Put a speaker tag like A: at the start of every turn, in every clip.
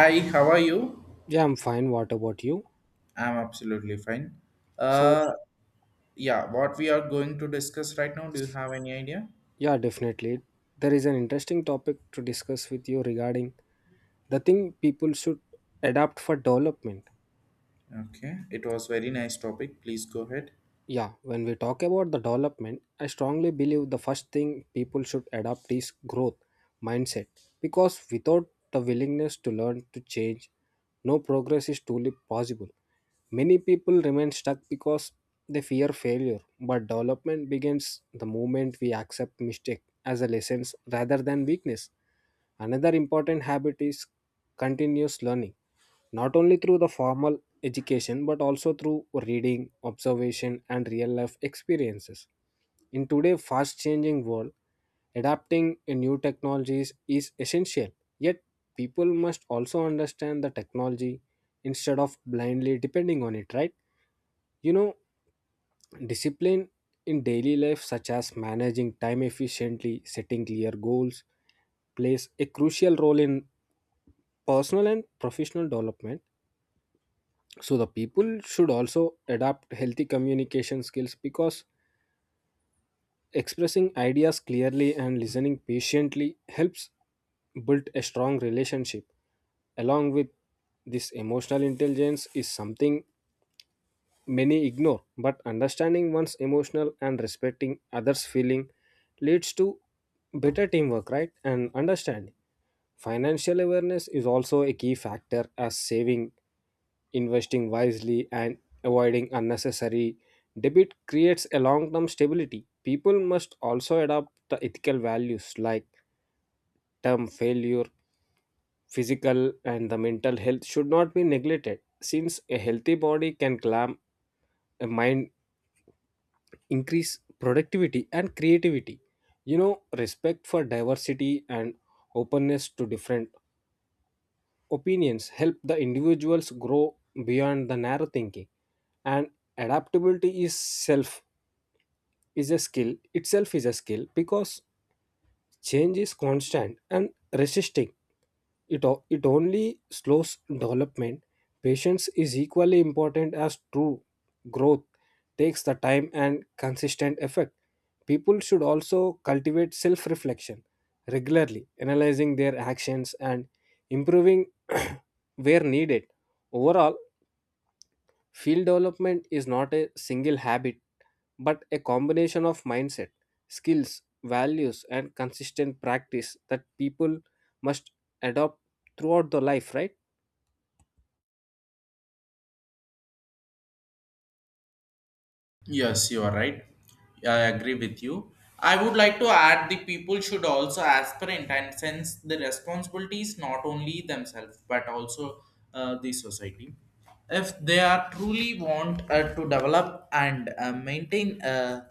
A: Hi, how are you?
B: Yeah, I'm fine. What about you?
A: I'm absolutely fine.
B: So,
A: Uh, yeah, what we are going to discuss right now, do you have any idea?
B: yeah, definitely. There is an interesting topic to discuss with you regarding the thing people should adapt for development.
A: Okay, it was very nice topic. Please go ahead.
B: Yeah, when we talk about the development, I strongly believe the first thing people should adopt is growth mindset because without the willingness to learn to change, no progress is truly possible. Many people remain stuck because they fear failure, but development begins the moment we accept mistake as a lessons rather than weakness. Another important habit is continuous learning, not only through the formal education but also through reading, observation, and real life experiences. In today's fast changing world, adapting a new technologies is essential, yet, people must also understand the technology instead of blindly depending on it, right? You know, discipline in daily life, such as managing time efficiently, setting clear goals, plays a crucial role in personal and professional development, so the people should also adapt healthy communication skills because expressing ideas clearly and listening patiently helps build a strong relationship. Along with this, emotional intelligence is something many ignore, but understanding one's emotional and respecting others feeling leads to better teamwork, right? And understanding financial awareness is also a key factor as saving, investing wisely, and avoiding unnecessary debit creates a long term stability. People must also adopt the ethical values like term failure, physical, and the mental health should not be neglected, since a healthy body can clam a mind, increase productivity and creativity. You know, respect for diversity and openness to different opinions help the individuals grow beyond the narrow thinking, and adaptability is self is a skill itself is a skill because change is constant and resisting it only slows development. Patience is equally important as true growth takes the time and consistent effect. People should also cultivate self reflection regularly, analyzing their actions and improving where needed. Overall, field development is not a single habit but a combination of mindset, skills, values, and consistent practice that people must adopt throughout the life, right?
A: Yes, you are right. Yeah, I agree with you. I would like to add the people should also aspirant and sense the responsibilities not only themselves but also the society. If they are truly want to develop and maintain.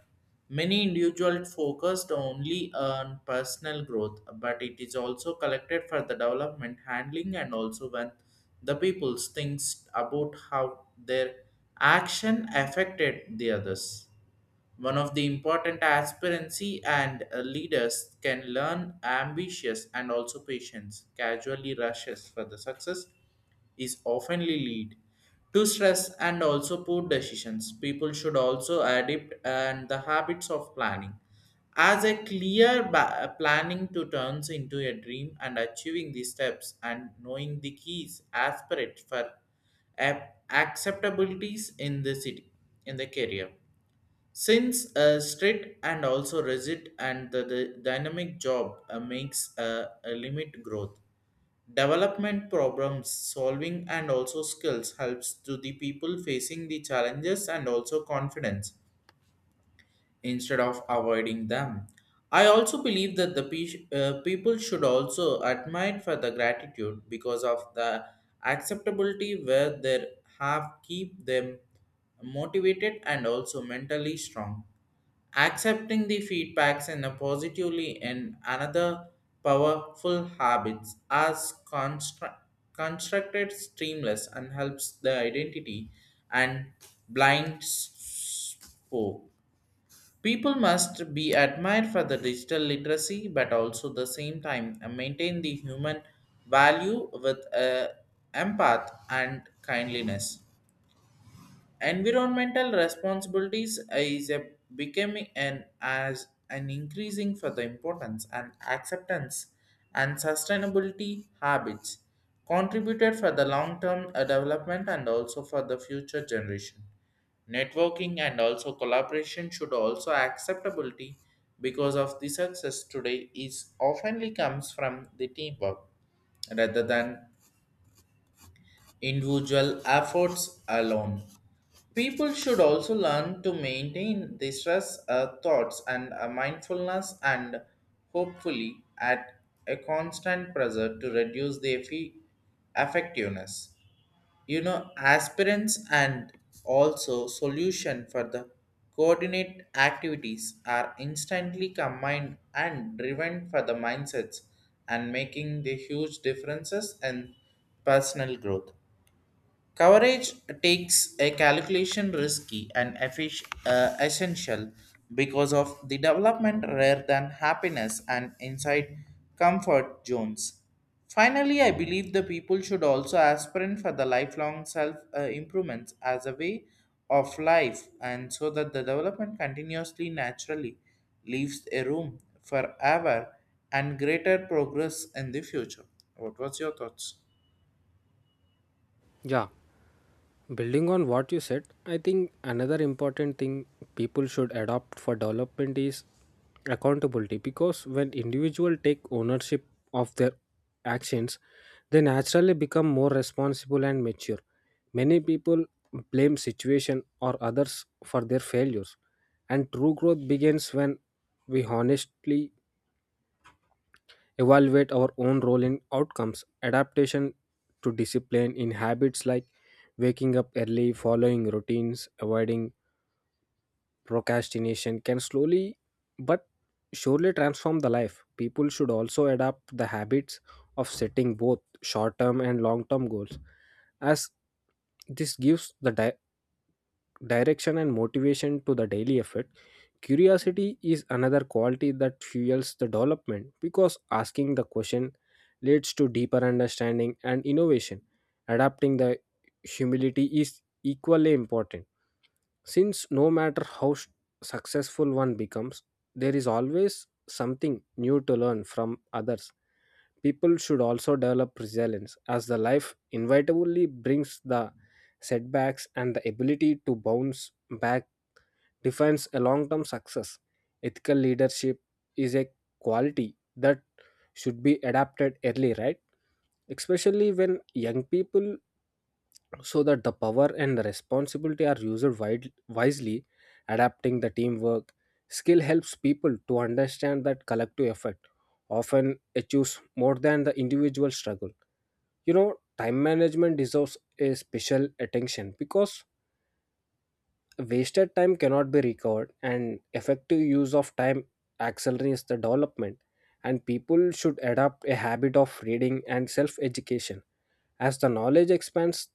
A: Many individuals focused only on personal growth, but it is also collected for the development, handling, and also when the people thinks about how their action affected the others. One of the important aspirancy and leaders can learn ambitious and also patience. Casually rushes for the success is oftenly lead to stress and also poor decisions. People should also adapt and the habits of planning. As a clear planning to turns into a dream and achieving the steps and knowing the keys aspirate for acceptabilities in the city, in the career, since a strict and also rigid and the dynamic job makes a limit growth, development problems solving and also skills helps to the people facing the challenges and also confidence instead of avoiding them. I also believe that the people should also admire for the gratitude because of the acceptability where they have keep them motivated and also mentally strong. Accepting the feedbacks in a positively and another powerful habits as constructed streamless and helps the identity and blind spoke. People must be admired for the digital literacy, but also the same time maintain the human value with empath and kindliness. Environmental responsibilities is a becoming an as an increasing for the importance and acceptance and sustainability habits contributed for the long-term development and also for the future generation. Networking and also collaboration should also acceptability because of the success today is oftenly comes from the teamwork rather than individual efforts alone. People should also learn to maintain the stress thoughts and mindfulness and hopefully at a constant pressure to reduce the effectiveness. Aspirants and also solution for the coordinate activities are instantly combined and driven for the mindsets and making the huge differences in personal growth. Coverage takes a calculation risky and essential because of the development rather than happiness and inside comfort zones. Finally, I believe the people should also aspirate for the lifelong self improvements as a way of life and so that the development continuously naturally leaves a room for ever and greater progress in the future. What was your thoughts?
B: Yeah, building on what you said, I think another important thing people should adopt for development is accountability because when individuals take ownership of their actions, they naturally become more responsible and mature. Many people blame situation or others for their failures, and true growth begins when we honestly evaluate our own role in outcomes. Adaptation to discipline in habits like waking up early, following routines, avoiding procrastination can slowly but surely transform the life. People should also adopt the habits of setting both short term and long term goals, as this gives the direction and motivation to the daily effort. Curiosity is another quality that fuels the development because asking the question leads to deeper understanding and innovation. Adapting the humility is equally important since no matter how successful one becomes, there is always something new to learn from others. People should also develop resilience as the life inevitably brings the setbacks, and the ability to bounce back defines a long-term success. Ethical leadership is a quality that should be adapted early, right? Especially when young people, so that the power and the responsibility are used wisely. Adapting the teamwork skill helps people to understand that collective effort often achieves more than the individual struggle. You know, time management deserves a special attention because wasted time cannot be recovered and effective use of time accelerates the development, and people should adopt a habit of reading and self education as the knowledge expands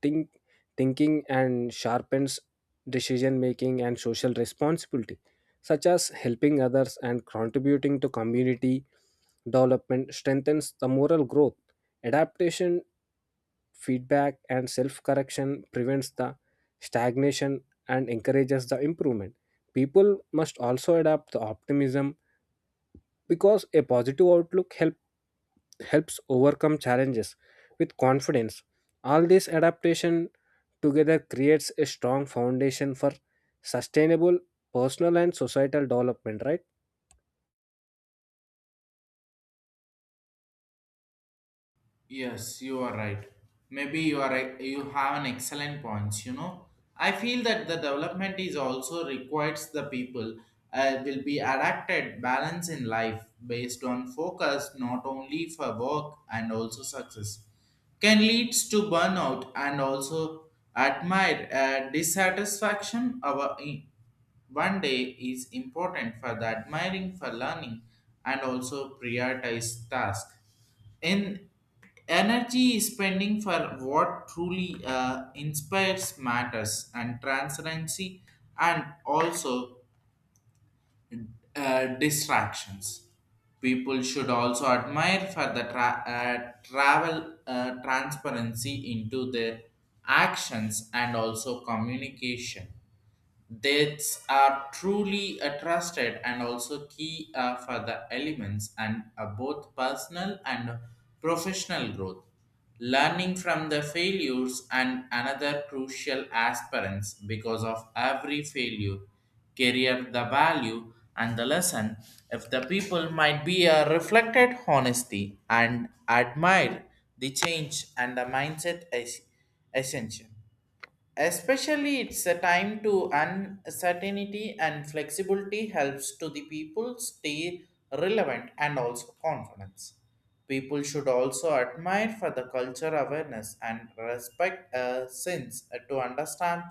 B: think, thinking and sharpens decision making. And social responsibility, such as helping others and contributing to community development, strengthens the moral growth. Adaptation, feedback, and self correction prevents the stagnation and encourages the improvement. People must also adapt the optimism because a positive outlook helps overcome challenges with confidence. All this adaptation together creates a strong foundation for sustainable personal and societal development, right?
A: Yes, you are right. Maybe you are right. You have an excellent points. I feel that the development is also requires the people will be adapted balance in life based on focus not only for work and also success can leads to burnout and also admire dissatisfaction one day is important for the admiring for learning and also prioritize task in energy spending for what truly inspires matters and transparency and also distractions. People should also admire for the tra- travel transparency into their actions and also communication. Dates are truly trusted and also key for the elements and both personal and professional growth. Learning from the failures and another crucial aspirants because of every failure, career the value and the lesson. If the people might be a reflected honesty and admire the change and the mindset is essential. Especially it's a time to uncertainty and flexibility helps to the people stay relevant and also confidence. People should also admire for the culture awareness and respect since to understand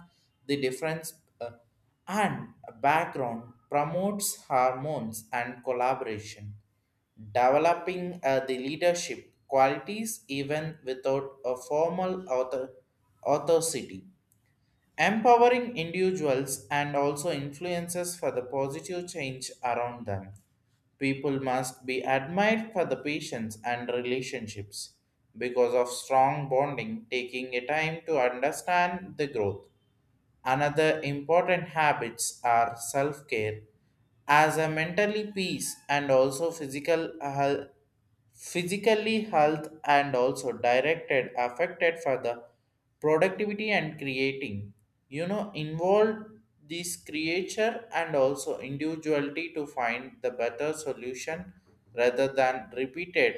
A: the difference uh, and background promotes hormones and collaboration, developing the leadership qualities even without a formal authority, empowering individuals and also influences for the positive change around them. People must be admired for the patience and relationships because of strong bonding, taking a time to understand the growth. Another important habits are self care as a mentally peace and also physical health, physically health and also directed affected for the productivity and creating, involve this creature and also individuality to find the better solution rather than repeated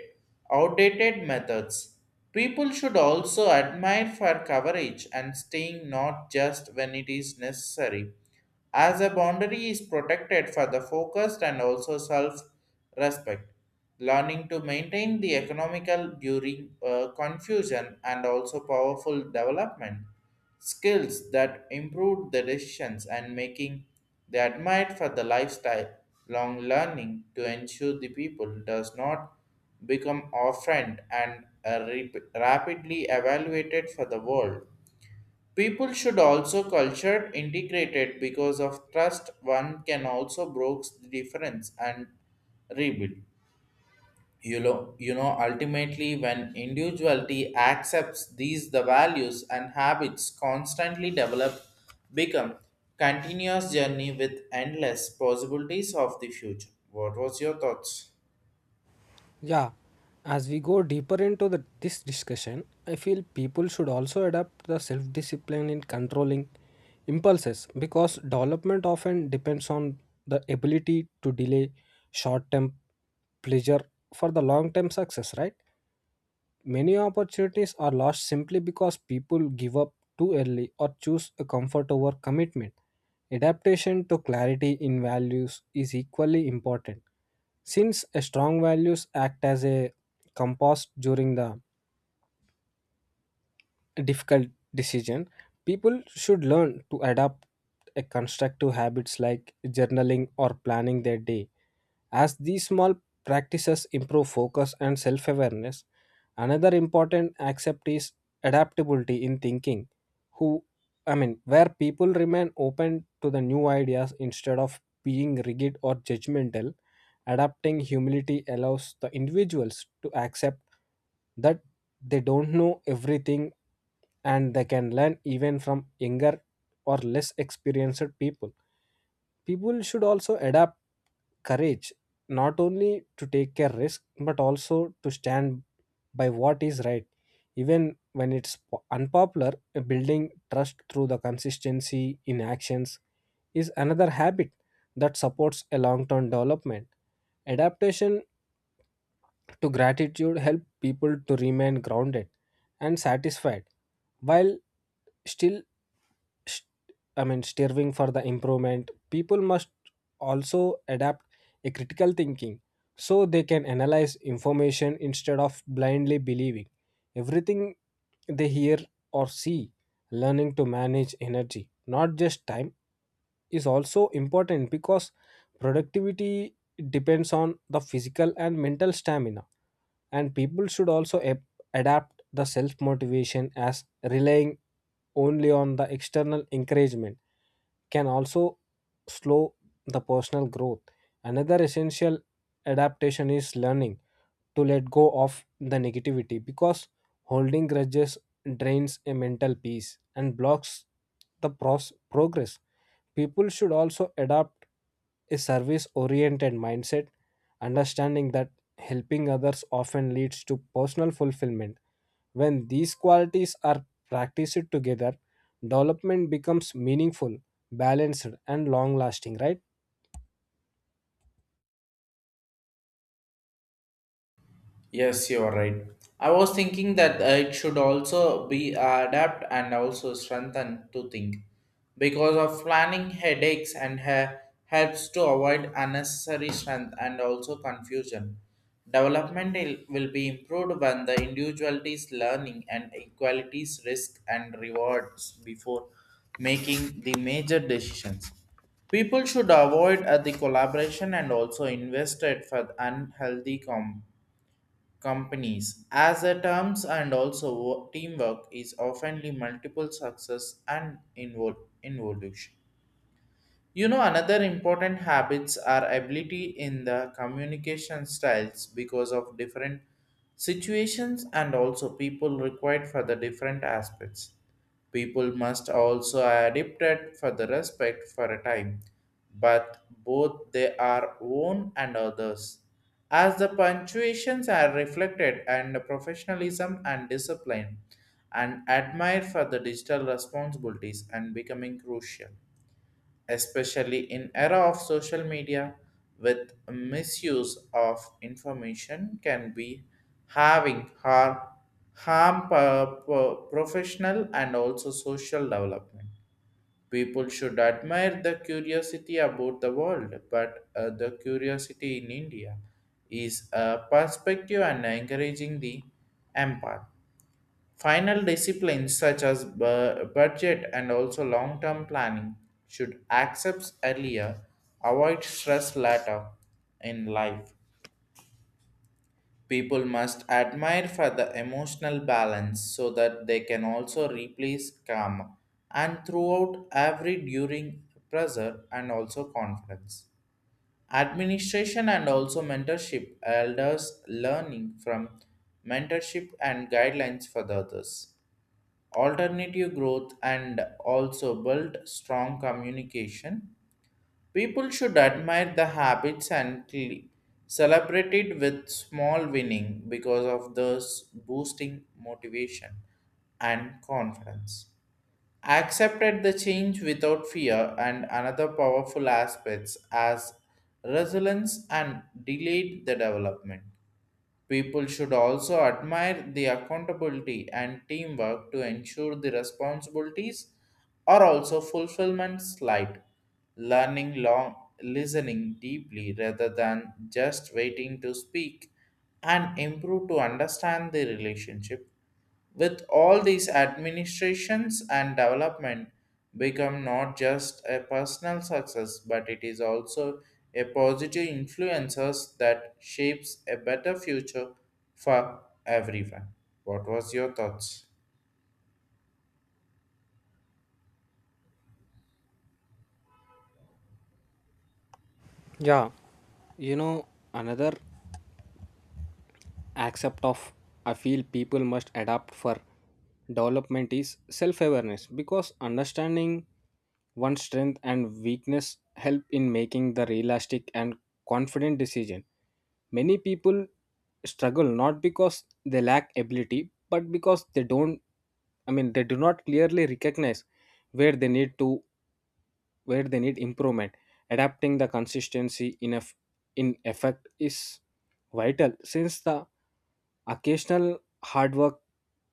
A: outdated methods. People should also admire for coverage and staying not just when it is necessary, as a boundary is protected for the focused and also self respect. Learning to maintain the economical during confusion and also powerful development skills that improve the decisions and making the admired for the lifestyle, long learning to ensure the people does not become our friend and are rapidly evaluated for the world. People should also culture integrated because of trust. One can also broke the difference and rebuild. Ultimately, when individuality accepts these the values and habits constantly develop, become continuous journey with endless possibilities of the future. What was your thoughts?
B: Yeah, as we go deeper into this discussion, I feel people should also adapt the self discipline in controlling impulses because development often depends on the ability to delay short term pleasure for the long term success, right? Many opportunities are lost simply because people give up too early or choose a comfort over commitment. Adaptation to clarity in values is equally important, since a strong values act as a compass during the difficult decision. People should learn to adapt a constructive habits like journaling or planning their day, as these small practices improve focus and self awareness. Another important accept is adaptability in thinking, Who where people remain open to the new ideas instead of being rigid or judgmental. Adapting humility allows the individuals to accept that they don't know everything and they can learn even from younger or less experienced people. People should also adapt courage, not only to take a risk but also to stand by what is right even when it's unpopular. Building trust through the consistency in actions is another habit that supports a long-term development. Adaptation to gratitude help people to remain grounded and satisfied while still striving for the improvement. People must also adapt a critical thinking so they can analyze information instead of blindly believing everything they hear or see. Learning to manage energy, not just time, is also important because productivity depends on the physical and mental stamina, and people should also adapt the self motivation, as relying only on the external encouragement can also slow the personal growth. Another essential adaptation is learning to let go of the negativity because holding grudges drains a mental peace and blocks the progress. People should also adopt a service oriented mindset, understanding that helping others often leads to personal fulfillment. When these qualities are practiced together, development becomes meaningful, balanced, and long lasting, right?
A: Yes, you are right. I was thinking that it should also be adapt and also strengthen to think because of planning headaches and helps to avoid unnecessary strength and also confusion. Development will be improved when the individuality's learning and equalities risk and rewards before making the major decisions. People should avoid the collaboration and also invested for unhealthy companies as a terms and also teamwork is oftenly multiple success and involution. Another important habits are ability in the communication styles because of different situations and also people required for the different aspects. People must also adapted for the respect for a time, but both they are own and others. As the punctuations are reflected and professionalism and discipline and admired for the digital responsibilities and becoming crucial, especially in era of social media with misuse of information can be having harm professional and also social development. People should admire the curiosity about the world, but the curiosity in India is a perspective and encouraging the empath. Final disciplines such as budget and also long term planning should accept earlier, avoid stress later in life. People must admire for the emotional balance so that they can also replace calm and throughout every during pressure and also confidence. Administration and also mentorship elders learning from mentorship and guidelines for the others alternative growth and also build strong communication. People should admire the habits and celebrate it with small winning because of thus boosting motivation and confidence. Accepted the change without fear and another powerful aspects as resilience and delayed the development. People should also admire the accountability and teamwork to ensure the responsibilities are also fulfillment light. Learning long, listening deeply rather than just waiting to speak, and improve to understand the relationship. With all these administrations and development become not just a personal success, but it is also a positive influences that shapes a better future for everyone. What was your thoughts?
B: Yeah, you know, another accept of I feel people must adapt for development is self-awareness because understanding one's strength and weakness help in making the realistic and confident decision. Many people struggle not because they lack ability but because they don't I mean they do not clearly recognize where they need to where they need improvement. Adapting the consistency in, in effect is vital, since the occasional hard work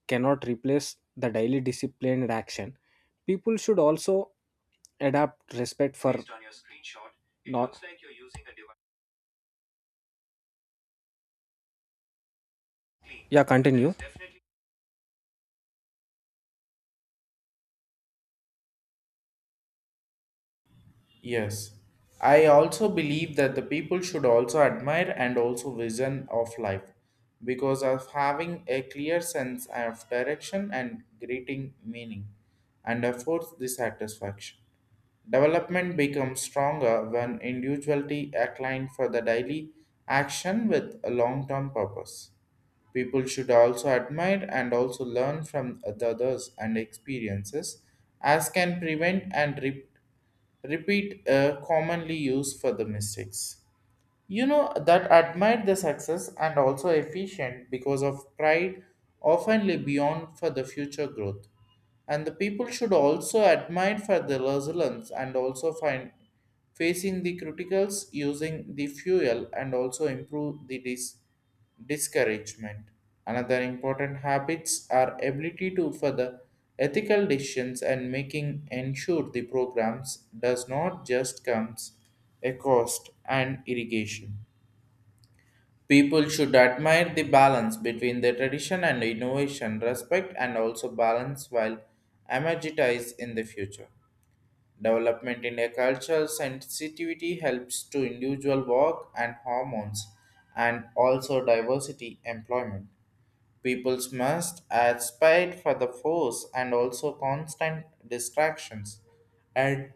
B: cannot replace the daily disciplined action. People should also adapt respect for not yeah, continue.
A: Yes. I also believe that the people should also admire and also vision of life because of having a clear sense of direction and greeting meaning and affords the satisfaction. Development becomes stronger when individuality aligns for the daily action with a long-term purpose. People should also admire and also learn from the others and experiences, as can prevent and repeat a commonly used for the mistakes. That admired the success and also efficient because of pride often lay beyond for the future growth. And the people should also admire for the resilience and also find facing the criticals using the fuel and also improve the discouragement. Another important habits are ability to further ethical decisions and making ensure the programs does not just comes a cost and irrigation. People should admire the balance between the tradition and innovation, respect and also balance while energize in the future. Development in a cultural sensitivity helps to individual work and hormones and also diversity employment. Peoples must add spite for the force and also constant distractions and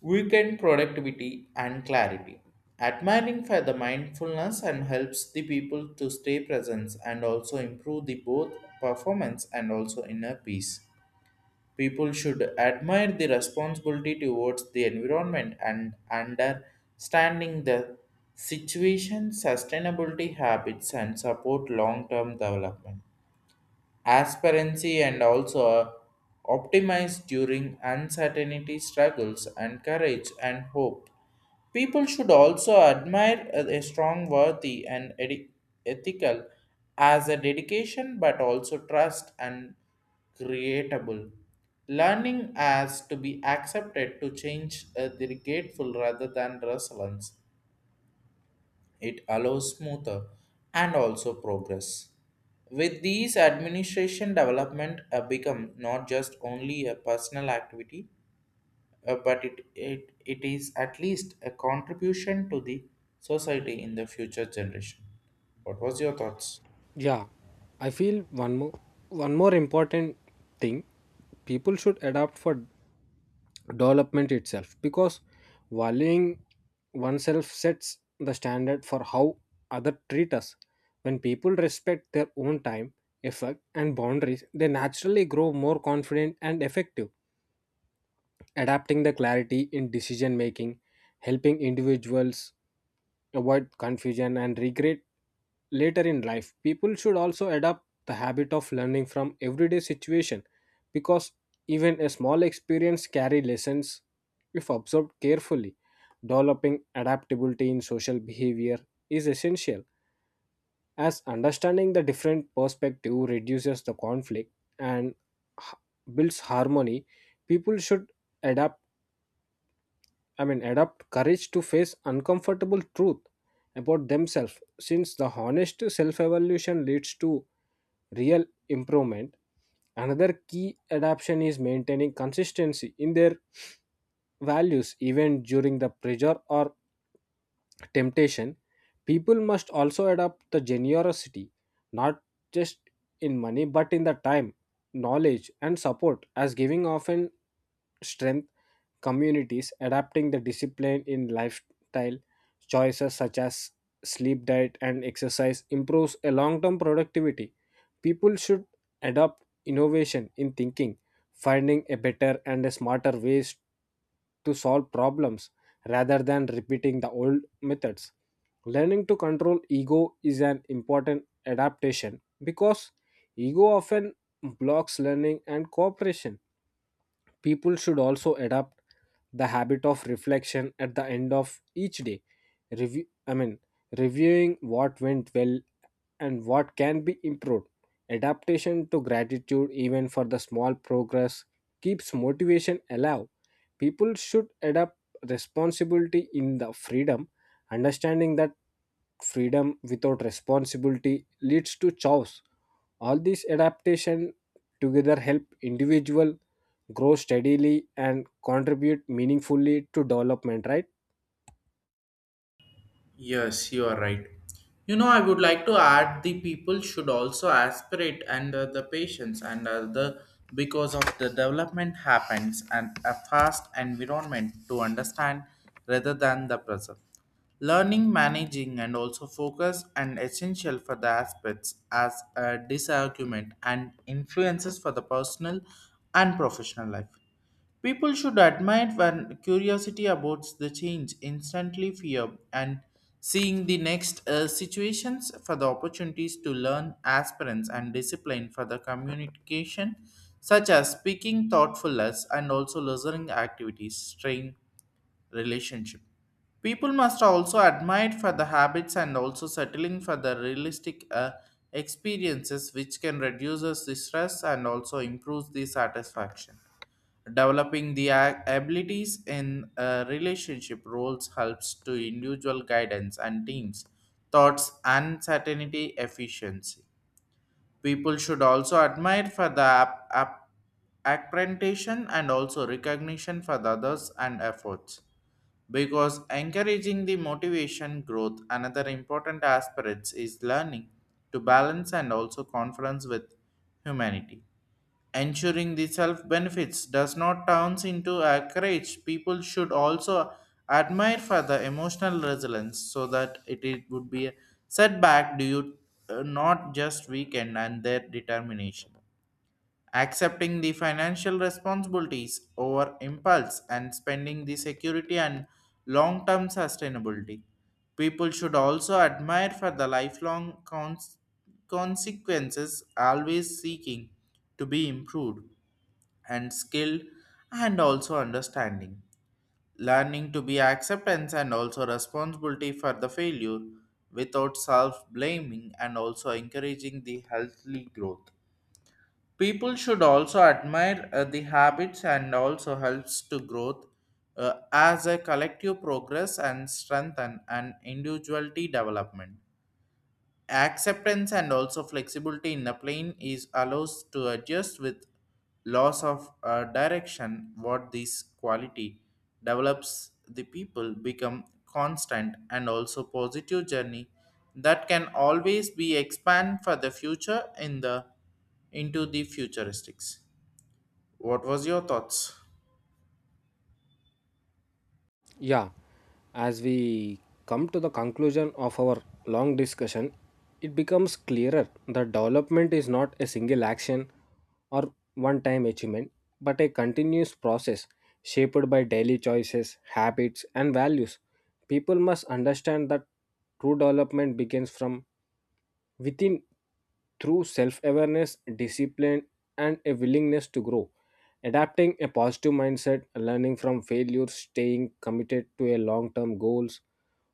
A: weaken productivity and clarity. Admiring for the mindfulness and helps the people to stay present and also improve the both performance and also inner peace. People should admire the responsibility towards the environment and understanding the situation, sustainability habits and support long-term development aspirancy and also optimize during uncertainty struggles and courage and hope. People should also admire a strong worthy and ethical as a dedication but also trust and creatable. Learning as to be accepted to change the grateful rather than resilience, it allows smoother and also progress. With these administration development become not just only a personal activity, but it is at least a contribution to the society in the future generation. What was your thoughts?
B: Yeah, I feel one more, one more important thing people should adapt for development itself because valuing oneself sets the standard for how others treat us. When people respect their own time, effort, and boundaries, they naturally grow more confident and effective. Adapting the clarity in decision making, helping individuals avoid confusion and regret later in life. People should also adopt the habit of learning from everyday situation because even a small experience carry lessons if observed carefully. Developing adaptability in social behavior is essential as understanding the different perspective reduces the conflict and h- builds harmony. People should adapt adopt courage to face uncomfortable truth about themselves, since the honest self evaluation leads to real improvement. Another key adaptation is maintaining consistency in their values, even during the pressure or temptation. People must also adopt the generosity, not just in money, but in the time, knowledge, and support, as giving often strength communities. Adapting the discipline in lifestyle choices such as sleep, diet and exercise improves a long-term productivity. People should adopt innovation in thinking, finding a better and a smarter ways to solve problems rather than repeating the old methods. Learning to control ego is an important adaptation because ego often blocks learning and cooperation. People should also adopt the habit of reflection at the end of each day. Review, I mean, Reviewing what went well and what can be improved. Adaptation to gratitude, even for the small progress, keeps motivation alive. People should adapt responsibility in the freedom, understanding that freedom without responsibility leads to chaos. All these adaptation together help individual grow steadily and contribute meaningfully to development, right?
A: Yes, you are right. I would like to add the people should also aspirate and the patients and the because of the development happens and a fast environment to understand rather than the present. Learning, managing, and also focus and essential for the aspects as a disargument and influences for the personal and professional life. People should admire when curiosity about the change instantly fear and seeing the next situations for the opportunities to learn aspirants and discipline for the communication such as speaking thoughtfulness and also listening activities strain relationship. People must also admire for the habits and also settling for the realistic experiences which can reduce the stress and also improves the satisfaction. Developing the abilities in relationship roles helps to individual guidance and teams, thoughts, and certainty efficiency. People should also admire for the appreciation and also recognition for the others and efforts. Because encouraging the motivation growth, another important aspect is learning to balance and also conference with humanity, ensuring the self benefits does not turns into a courage. People should also admire for the emotional resilience so that it would be a setback due not just weaken and their determination. Accepting the financial responsibilities over impulse and spending the security and long term sustainability. People should also admire for the lifelong consequences always seeking to be improved and skilled and also understanding. Learning to be acceptance and also responsibility for the failure without self blaming and also encouraging the healthy growth. People should also admire the habits and also helps to growth as a collective progress and strengthen and individuality development acceptance and also flexibility in the plane is allows to adjust with loss of direction. What this quality develops, the people become constant and also positive journey that can always be expand for the future in the into the futuristics. What was your thoughts?
B: Yeah, as we come to the conclusion of our long discussion, it becomes clearer that development is not a single action or one time achievement but a continuous process shaped by daily choices, habits and values. People must understand that true development begins from within through self awareness, discipline, and a willingness to grow. Adapting a positive mindset, learning from failures, staying committed to a long term goals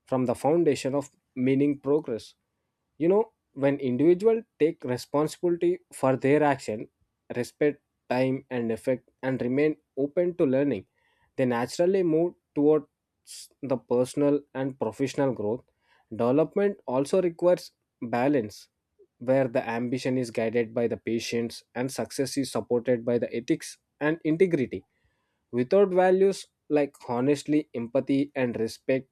B: from the foundation of meaning progress. You know, when individuals take responsibility for their action, respect time and effect, and remain open to learning, they naturally move towards the personal and professional growth. Development also requires balance where the ambition is guided by the patience and success is supported by the ethics and integrity. Without values like honestly empathy and respect,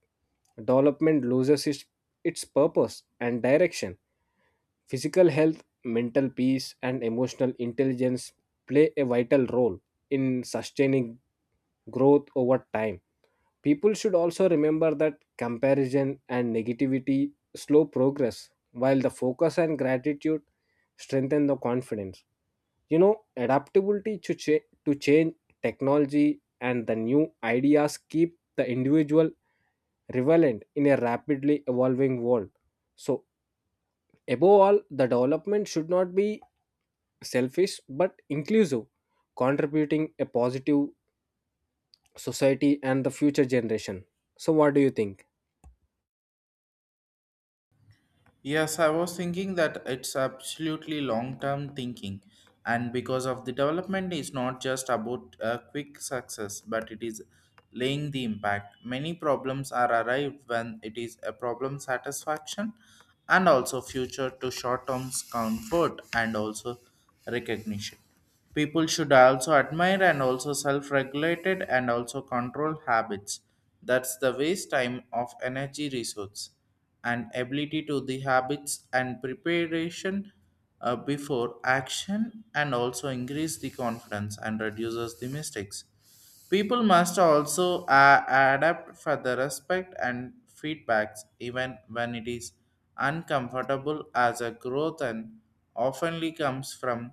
B: development loses its purpose and direction. Physical health, mental peace and emotional intelligence play a vital role in sustaining growth over time. People should also remember that comparison and negativity slow progress, while the focus and gratitude strengthen the confidence. You know, adaptability to change, technology and the new ideas keep the individual relevant in a rapidly evolving world. So, above all, the development should not be selfish but inclusive, contributing a positive society and the future generation. So, what do you think?
A: Yes, I was thinking that it's absolutely long term thinking. And because of the development is not just about a quick success, but it is laying the impact. Many problems are arrived when it is a problem satisfaction and also future to short term comfort and also recognition. People should also admire and also self-regulated and also control habits. That's the waste time of energy resource and ability to the habits and preparation before action and also increase the confidence and reduces the mistakes. People must also adapt for the respect and feedbacks, even when it is uncomfortable, as a growth and oftenly comes from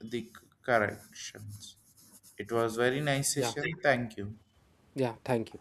A: the corrections. It was very nice
B: Yeah.
A: session. Thank you.
B: Yeah, thank you.